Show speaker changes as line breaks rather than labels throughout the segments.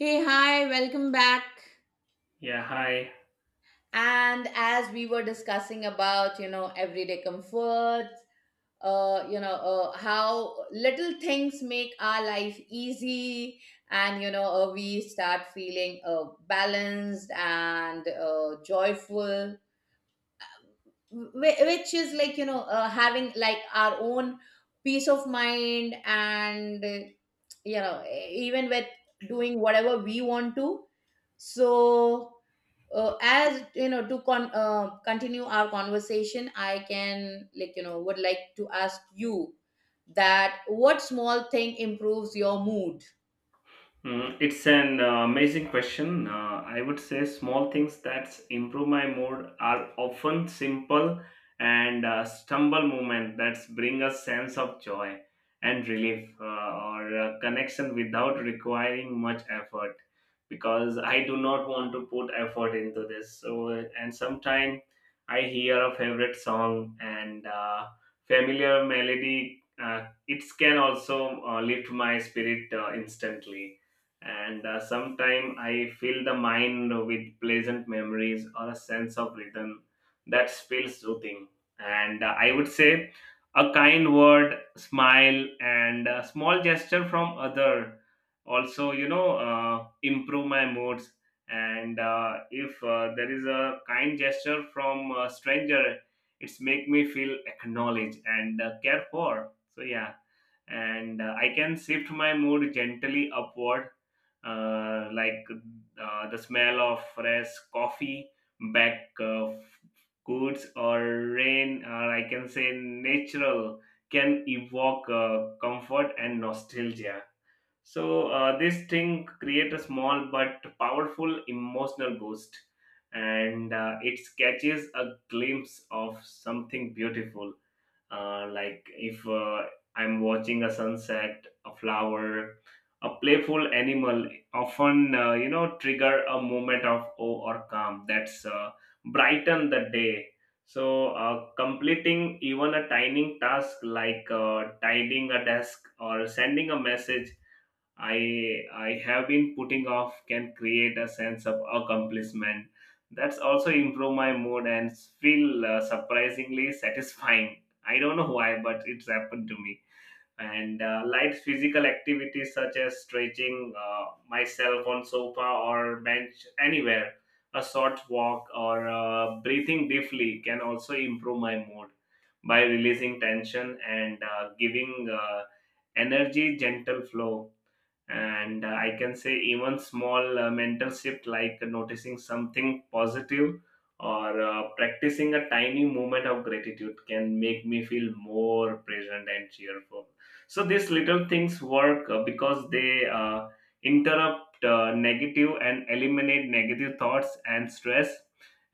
Hey, hi, welcome back.
Yeah, hi.
And as we were discussing about, everyday comforts, how little things make our life easy, and we start feeling balanced and joyful, which is like having like our own peace of mind, and even with doing whatever we want to so as you know to continue our conversation I can like would like to ask you that what small thing improves your mood.
Mm, it's an amazing question. I would say small things that improve my mood are often simple and stumble movement that bring a sense of joy and relief or connection without requiring much effort because I do not want to put effort into this. So, and sometimes I hear a favorite song and familiar melody. It can also lift my spirit instantly and sometimes I fill the mind with pleasant memories or a sense of rhythm that feels soothing. And I would say a kind word, smile, and a small gesture from other also, you know, improve my moods. And if there is a kind gesture from a stranger, it's make me feel acknowledged and cared for. So yeah, and I can shift my mood gently upward like the smell of fresh coffee, baked goods, or rain, or I can say natural, can evoke comfort and nostalgia. So this thing create a small but powerful emotional boost, and it catches a glimpse of something beautiful like if I'm watching a sunset, a flower, a playful animal, often you know trigger a moment of awe or calm that's brighten the day. So completing even a tiny task like tidying a desk or sending a message I have been putting off can create a sense of accomplishment. That's also improve my mood and feel surprisingly satisfying. I don't know why, but it's happened to me. And light physical activities such as stretching myself on sofa or bench anywhere, a short walk or breathing deeply can also improve my mood by releasing tension and giving energy gentle flow and I can say even small mental shift like noticing something positive or practicing a tiny moment of gratitude can make me feel more present and cheerful. So these little things work because they interrupt negative and eliminate negative thoughts and stress,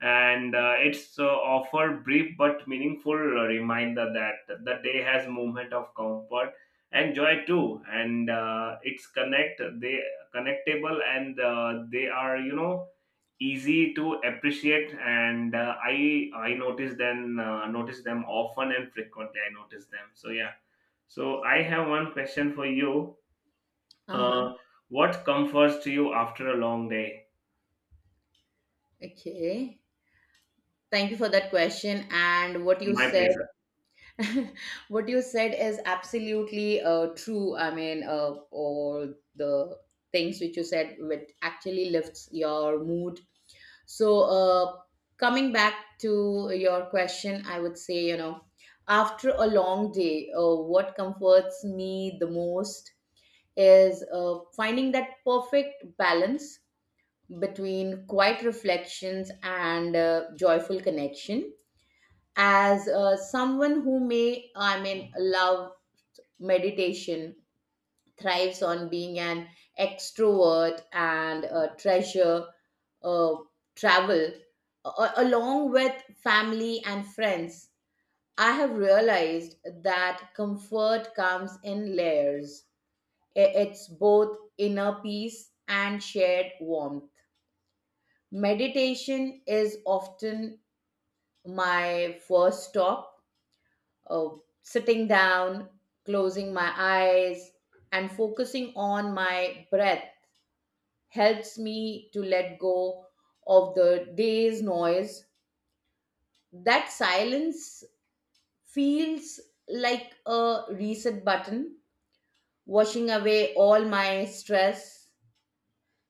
and it's offer brief but meaningful reminder that the day has moment of comfort and joy too, and it's connect, they connectable, and they are, you know, easy to appreciate, and I notice them often, and frequently I notice them. So yeah, so I have one question for you.
Uh-huh.
uh, what comforts you after a long day?
Okay, thank you for that question and what you
My
said.
pleasure.
What you said is absolutely true. I mean, all the things which you said which actually lifts your mood. So, coming back to your question, I would say, you know, after a long day, what comforts me the most is finding that perfect balance between quiet reflections and joyful connection. As someone who may, I mean, love meditation, thrives on being an extrovert and treasure uh, travel along with family and friends. I have realized that comfort comes in layers. It's both inner peace and shared warmth. Meditation is often my first stop, uh, sitting down, closing my eyes, and focusing on my breath helps me to let go of the day's noise. That silence feels like a reset button, washing away all my stress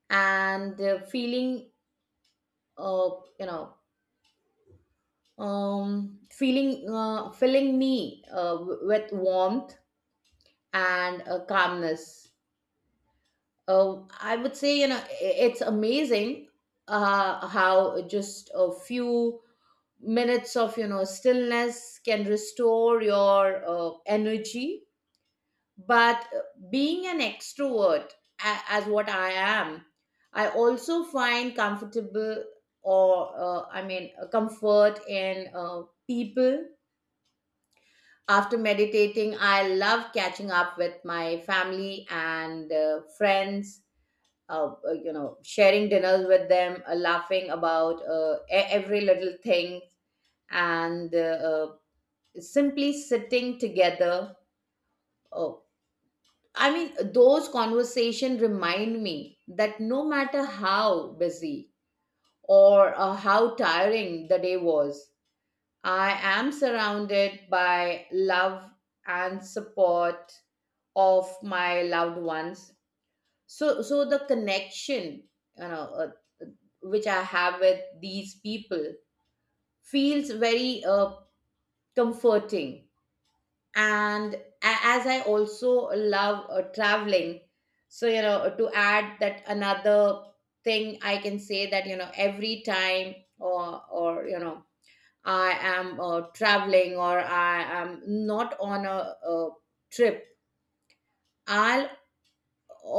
and feeling, uh, you know, feeling, filling me with warmth and calmness. I would say, you know, it's amazing how just a few minutes of stillness can restore your energy, but being an extrovert as what I am, I also find comfortable or comfort in people. After meditating, I love catching up with my family and friends, you know, sharing dinners with them, laughing about every little thing and uh, simply sitting together. Oh, I mean, those conversations remind me that no matter how busy or how tiring the day was, I am surrounded by love and support of my loved ones. So, the connection, you know, which I have with these people feels very comforting. And as I also love traveling, so you know, to add that another thing, I can say that, you know, every time, or you know, I am traveling or I am not on a trip, I'll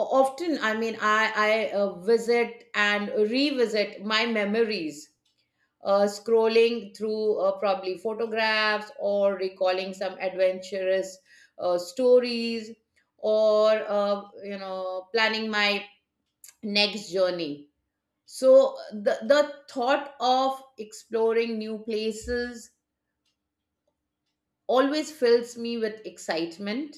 often, I mean, I visit and revisit my memories, scrolling through probably photographs or recalling some adventurous stories or you know, planning my next journey. So the thought of exploring new places always fills me with excitement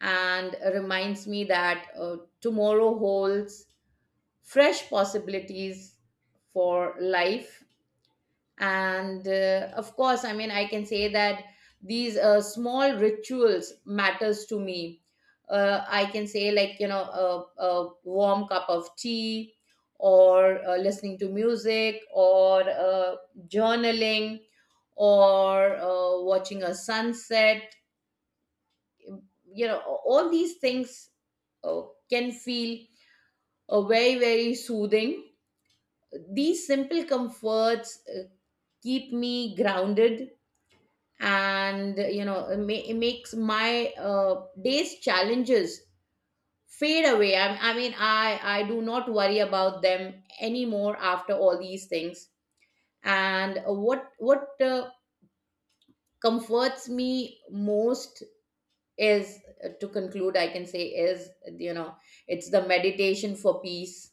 and reminds me that tomorrow holds fresh possibilities for life. And of course, I mean, I can say that these small rituals matters to me. Uh, I can say, like, you know, a warm cup of tea or listening to music or journaling or watching a sunset, you know, all these things uh, can feel very, very soothing. These simple comforts keep me grounded, and you know, it makes my day's challenges fade away. I mean, I do not worry about them anymore after all these things. And what comforts me most is, to conclude, I can say is, you know, it's the meditation for peace,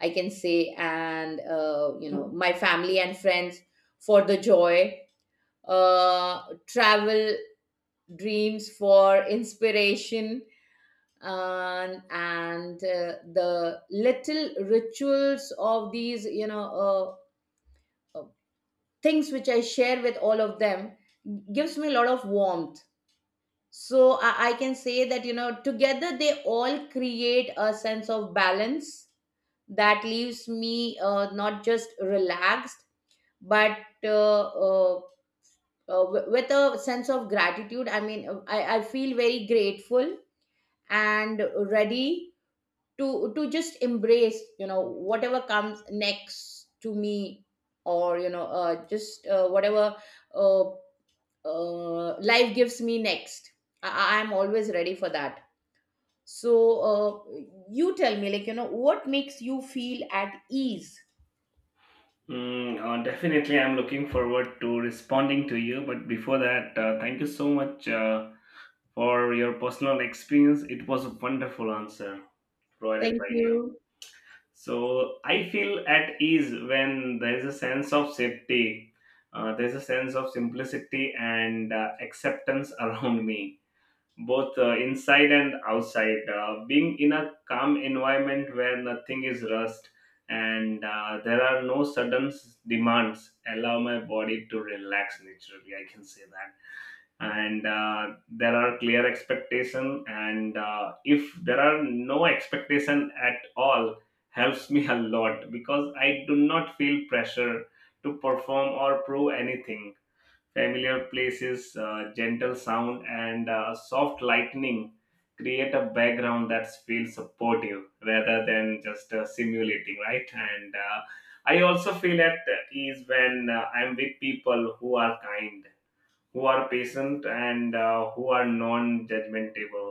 I can say, and you know, my family and friends for the joy, travel dreams for inspiration, and the little rituals of these, you know, things which I share with all of them, gives me a lot of warmth. So I can say that, you know, together they all create a sense of balance that leaves me not just relaxed but uh, uh, with a sense of gratitude. I mean, I feel very grateful and ready to just embrace, you know, whatever comes next to me, or you know, just whatever uh, life gives me next. I am always ready for that. So uh, you tell me, like, you know, what makes you feel at ease.
Mm, definitely, I'm looking forward to responding to you. But before that, thank you so much for your personal experience. It was a wonderful answer provided
Thank
by you.
you.
So I feel at ease when there is a sense of safety, there's a sense of simplicity and acceptance around me, both inside and outside. Being in a calm environment where nothing is rushed and there are no sudden demands allow my body to relax naturally. I can say that. And there are clear expectation, and if there are no expectation at all, helps me a lot because I do not feel pressure to perform or prove anything. Familiar places, gentle sound, and soft lightning create a background that feels supportive rather than just simulating, right? And I also feel at ease when I'm with people who are kind, who are patient, and who are non-judgmentable,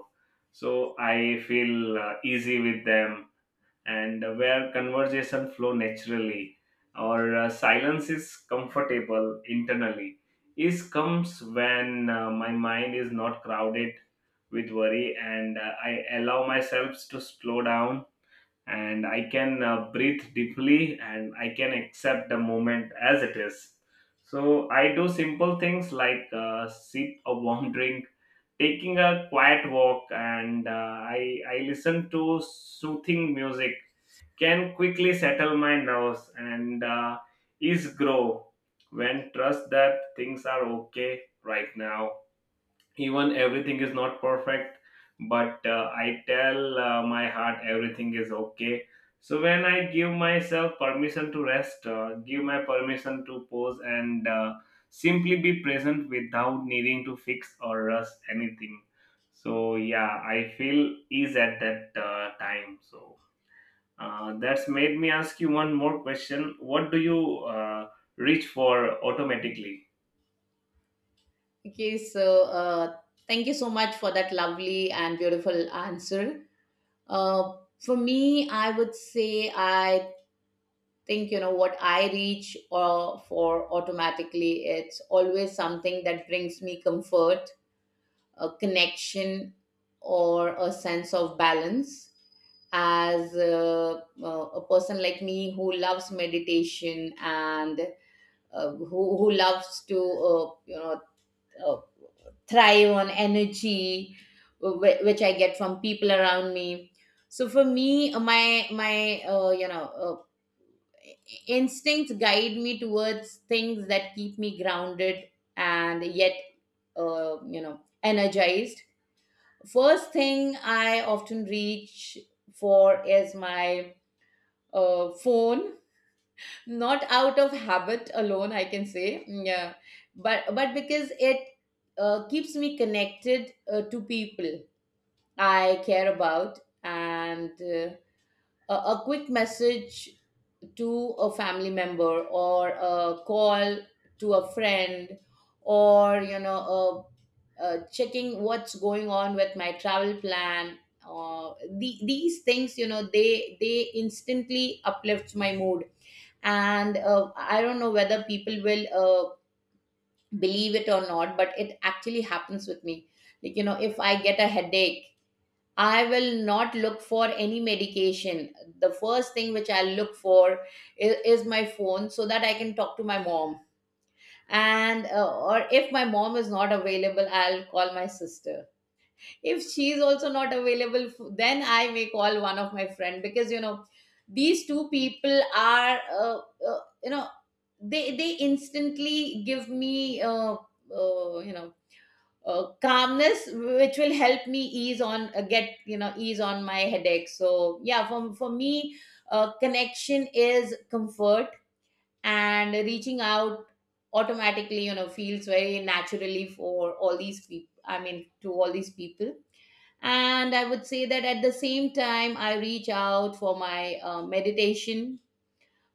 so I feel easy with them, and where conversation flow naturally or silence is comfortable internally, is comes when my mind is not crowded with worry, and I allow myself to slow down and I can breathe deeply, and I can accept the moment as it is. So I do simple things like sip a warm drink, taking a quiet walk, and I listen to soothing music can quickly settle my nerves and ease grow when trust that things are okay right now, even everything is not perfect, but I tell my heart everything is okay. So when I give myself permission to rest, give my permission to pause, and simply be present without needing to fix or rush anything, so yeah, I feel ease at that time. So that's made me ask you one more question. What do you reach for automatically?
Okay, so thank you so much for that lovely and beautiful answer. Uh, for me, I would say, I think, you know, what I reach for automatically, it's always something that brings me comfort, a connection, or a sense of balance. As a person like me who loves meditation and who loves to uh, thrive on energy which I get from people around me. So for me, my my you know, instincts guide me towards things that keep me grounded and yet you know, energized. First thing I often reach for is my phone, not out of habit alone, I can say, yeah, but because it keeps me connected to people I care about. And a quick message to a family member or a call to a friend, or you know, checking what's going on with my travel plan, these things, you know, they instantly uplifts my mood. And I don't know whether people will believe it or not, but it actually happens with me. Like, you know, if I get a headache, I will not look for any medication. The first thing which I'll look for is, my phone so that I can talk to my mom. And or if my mom is not available, I'll call my sister. If she's also not available, then I may call one of my friend, because you know, these two people are you know, they instantly give me uh, you know calmness which will help me ease on get, you know, ease on my headache. So yeah, for, me, connection is comfort, and reaching out automatically, you know, feels very naturally for all these people. I mean, to all these people. And I would say that at the same time, I reach out for my meditation,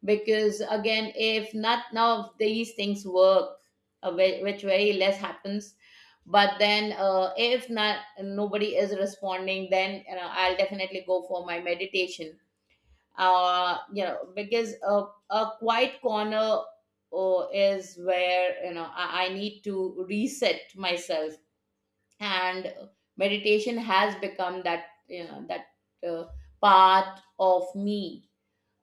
because again, if not none of these things work, which very less happens. But then, if not nobody is responding, then you know, I'll definitely go for my meditation, you know, because a quiet corner is where, you know, I need to reset myself. And meditation has become that, you know, that uh, part of me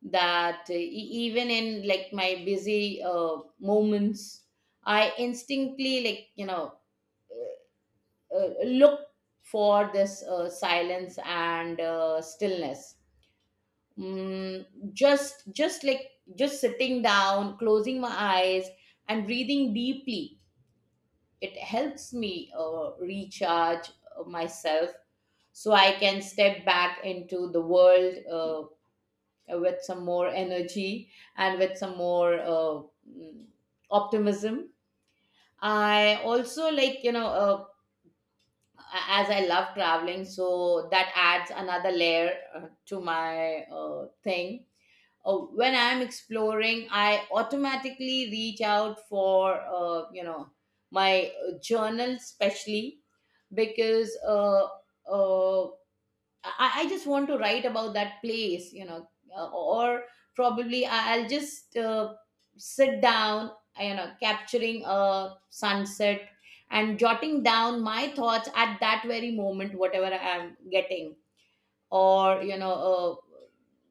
that even in like my busy moments, I instinctively, like, you know, look for this silence and stillness. mm, just like just sitting down, closing my eyes, and breathing deeply, it helps me recharge myself, so I can step back into the world with some more energy and with some more mm, optimism. I also like, you know, as I love traveling, so that adds another layer to my thing. When I'm exploring, I automatically reach out for, you know, my journal, especially because uh, I just want to write about that place, you know, or probably I'll just sit down, you know, capturing a sunset and jotting down my thoughts at that very moment, whatever I'm getting, or, you know, uh,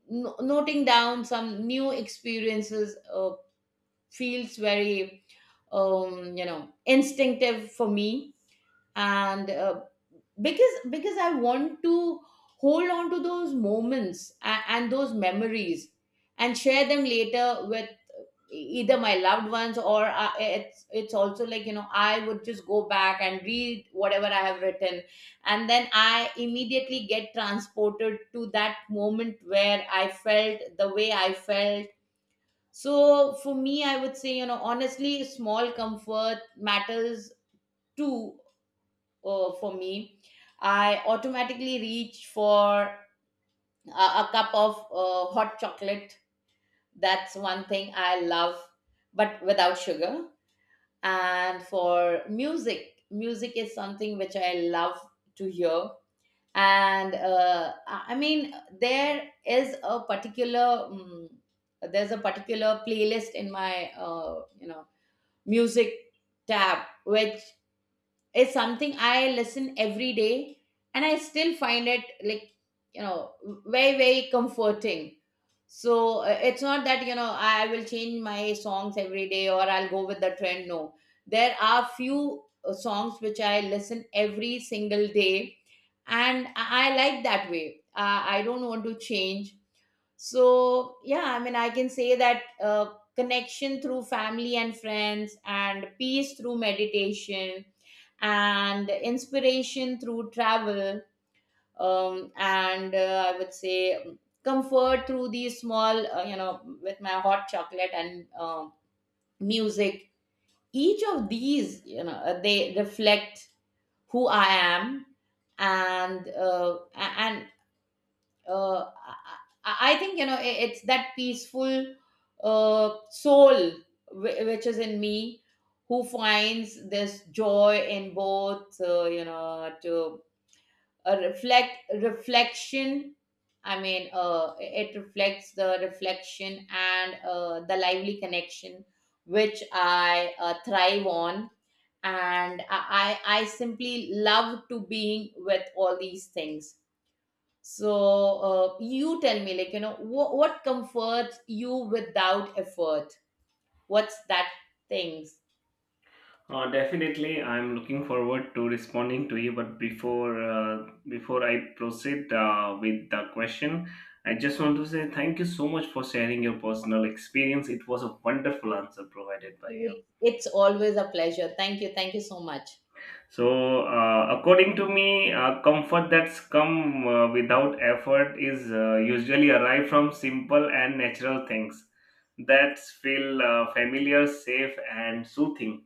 noting down some new experiences feels very, you know, instinctive for me. And because I want to hold on to those moments and those memories and share them later with either my loved ones, or it's, also, like, you know, I would just go back and read whatever I have written, and then I immediately get transported to that moment where I felt the way I felt. So for me, I would say, you know, honestly, small comfort matters too. Uh, for me, I automatically reach for a cup of hot chocolate. That's one thing I love, but without sugar. And for music, music is something which I love to hear. And I mean, there is a particular there's a particular playlist in my you know, music tab which is something I listen every day, and I still find it like, you know, very, very comforting. So it's not that, you know, I will change my songs every day or I'll go with the trend. No, there are few songs which I listen every single day, and I like that way. I don't want to change. So yeah, I mean I can say that connection through family and friends and peace through meditation and inspiration through travel and I would say comfort through these small with my hot chocolate and music, each of these they reflect who I am and uh, i I- I think it's that peaceful soul which is in me, who finds this joy in both you know to a reflect reflection. I mean it reflects the reflection and the lively connection which I thrive on, and I simply love to being with all these things. So you tell me, like you know, what comforts you without effort? What's that things?
Definitely, I'm looking forward to responding to you. But before I proceed with the question, I just want to say thank you so much for sharing your personal experience. It was a wonderful answer provided by you.
It's always a pleasure. Thank you, thank you so much.
So, according to me, comfort that's come without effort is usually arrive from simple and natural things that feel familiar, safe, and soothing,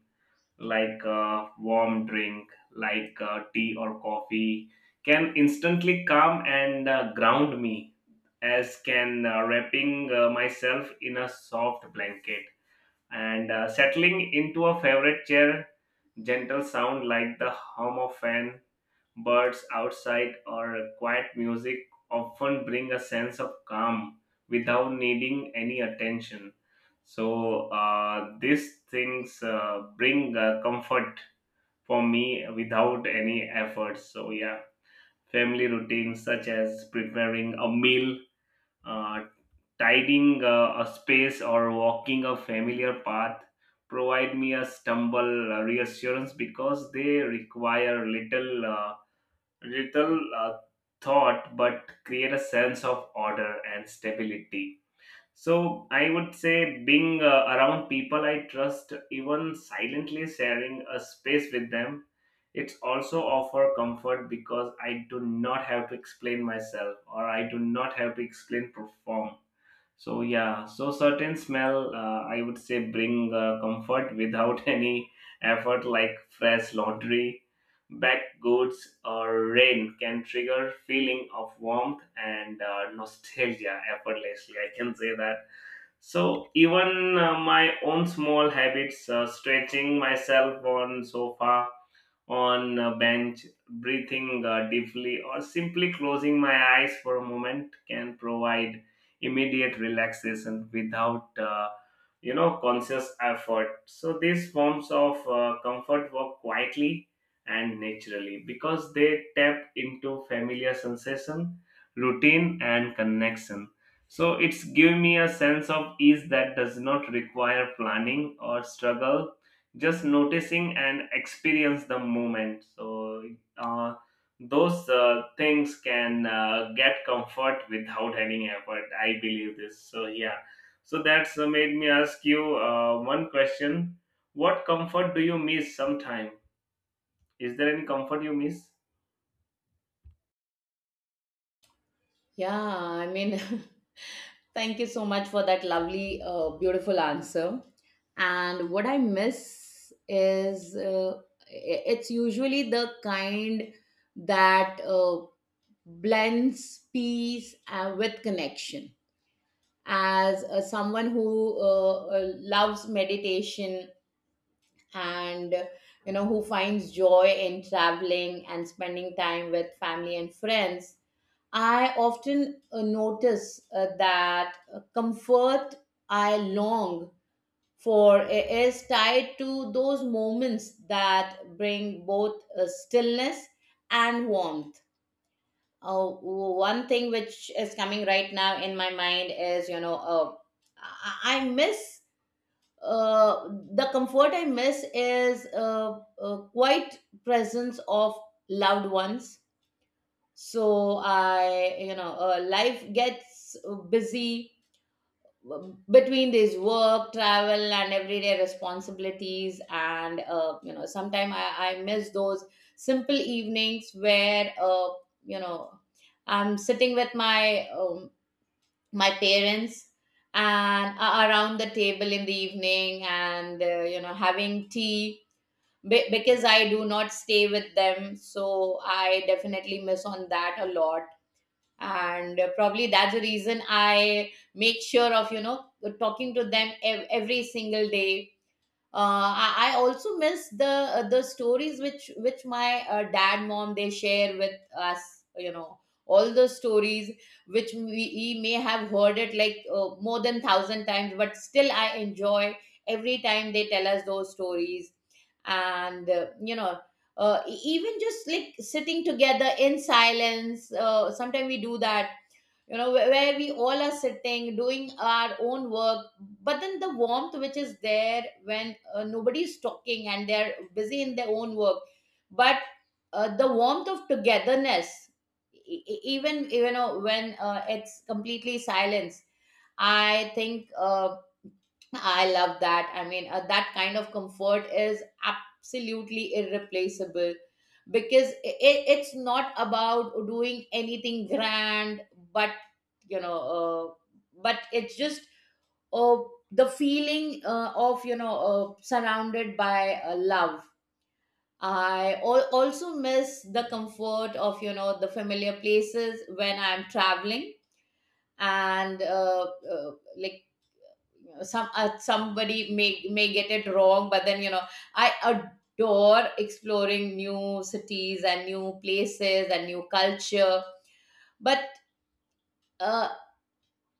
like a warm drink, like tea or coffee, can instantly calm and ground me, as can wrapping myself in a soft blanket and settling into a favorite chair. Gentle sound like the hum of fan, birds outside, or quiet music often bring a sense of calm without needing any attention. So these things bring comfort for me without any effort. So, yeah, family routines such as preparing a meal, uh, tidying a space, or walking a familiar path provide me a stumble reassurance because they require little thought but create a sense of order and stability. So I would say being around people I trust, even silently sharing a space with them, it's also offer comfort because I do not have to explain myself or I do not have to explain perform. So yeah, so certain smell, I would say, bring comfort without any effort, like fresh laundry, back goods, or rain can trigger feeling of warmth and nostalgia effortlessly. I can say that. So even my own small habits, stretching myself on sofa on a bench, breathing deeply, or simply closing my eyes for a moment can provide immediate relaxation without, you know, conscious effort. So these forms of comfort work quietly and naturally because they tap into familiar sensation, routine, and connection. So it's give me a sense of ease that does not require planning or struggle, just noticing and experience the moment. So uh, those things can get comfort without any effort, I believe this. So yeah, so that's made me ask you one question. What comfort do you miss sometime? Is there any comfort you miss?
Yeah, I mean, thank you so much for that lovely, beautiful answer. And what I miss is it's usually the kind that blends peace with connection. As someone who loves meditation and, you know, who finds joy in traveling and spending time with family and friends, I often notice that comfort I long for is tied to those moments that bring both stillness and warmth. One thing which is coming right now in my mind is, you know, I miss, uh, the comfort I miss is quiet presence of loved ones. So I you know, life gets busy between this work travel and everyday responsibilities, and, you know, sometimes I miss those simple evenings where, you know, I'm sitting with my parents, and around the table in the evening, and, you know, having tea. Because I do not stay with them, so I definitely miss on that a lot. And probably that's the reason I make sure of, you know, talking to them every single day. I also miss the stories which my dad, mom, they share with us, you know, all those stories which we may have heard it like more than thousand times, but still I enjoy every time they tell us those stories. And, you know, even just like sitting together in silence, sometimes we do that, you know, where we all are sitting doing our own work, but then the warmth which is there when, nobody is talking and they're busy in their own work, but the warmth of togetherness, even, you know, when it's completely silence. i think uh, I love that. I mean, that kind of comfort is absolutely irreplaceable because it's not about doing anything grand, but, you know, but it's just, uh, the feeling of, you know, surrounded by love. I also miss the comfort of, you know, the familiar places when I'm traveling, and like somebody may get it wrong, but then, you know, I adore exploring new cities and new places and new culture, but uh,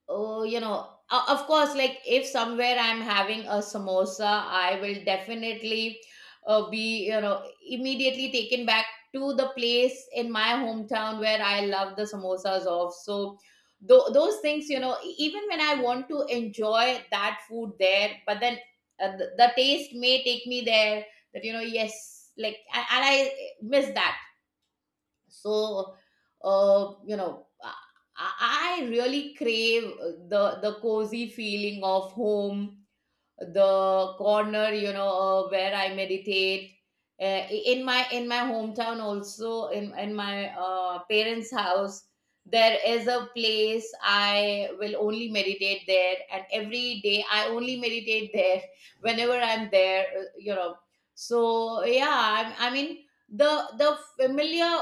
oh, you know, of course, like if somewhere I'm having a samosa, I will definitely be, you know, immediately taken back to the place in my hometown where I love the samosas of. So those things, you know, even when I want to enjoy that food there, but then the taste may take me there. That, you know, yes, like and I miss that. So, you know, I really crave the cozy feeling of home, the corner, you know, where I meditate, in my hometown, also in my parents house. There is a place I will only meditate there, and every day I only meditate there whenever I'm there, you know. So yeah, I mean, the the familiar.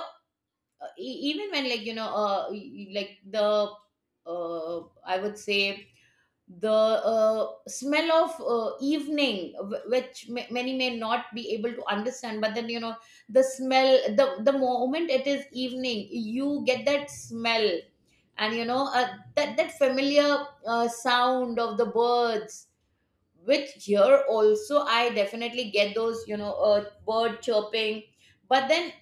Even when, like, you know, y- like the uh I would say the smell of evening, which many may not be able to understand, but then, you know, the smell, the moment it is evening, you get that smell, and, you know, that familiar sound of the birds, which here also I definitely get those, you know, bird chirping. But then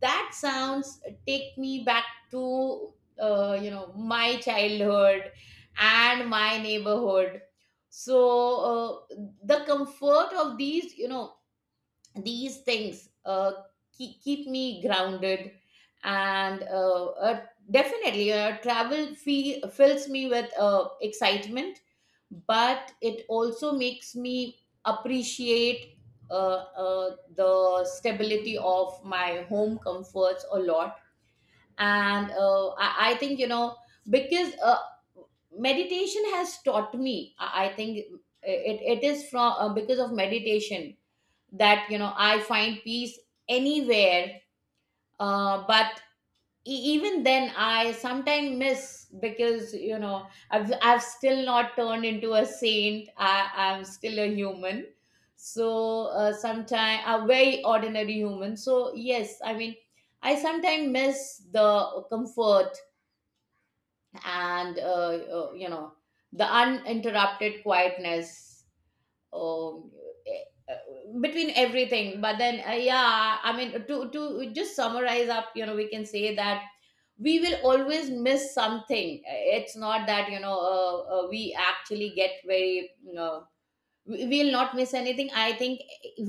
that sounds take me back to, you know, my childhood and my neighborhood. So, the comfort of these, you know, these things, keep me grounded. And definitely travel fills me with excitement, but it also makes me appreciate, uh, the stability of my home comforts a lot. And I think, you know, because meditation has taught me, I think it is from, because of meditation, that, you know, I find peace anywhere. But even then I sometimes miss, because, you know, I've still not turned into a saint. I'm still a human, so sometimes a very ordinary human. So yes, I mean, I sometimes miss the comfort, and you know, the uninterrupted quietness, um, eh, between everything. But then, yeah, I mean, to just summarize up, you know, we can say that we will always miss something. It's not that, you know, we actually get very, you know, will not miss anything. I think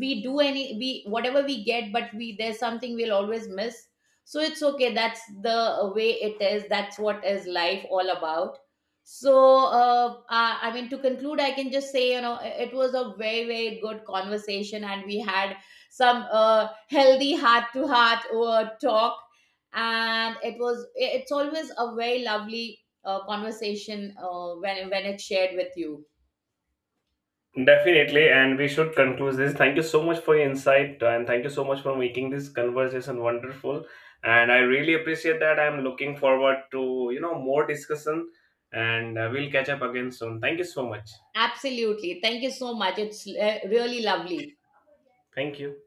we do any, we whatever we get, but we there's something we'll always miss. So it's okay, that's the way it is, that's what is life all about. So, I mean, to conclude, I can just say, you know, it was a very very good conversation, and we had some healthy heart to heart talk, and it's always a very lovely conversation when it's shared with you.
Definitely, and we should conclude this. Thank you so much for your insight, and thank you so much for making this conversation wonderful. And I really appreciate that. I'm looking forward to, you know, more discussion, and we'll catch up again soon. Thank you so much.
Absolutely. Thank you so much. It's really lovely.
Thank you.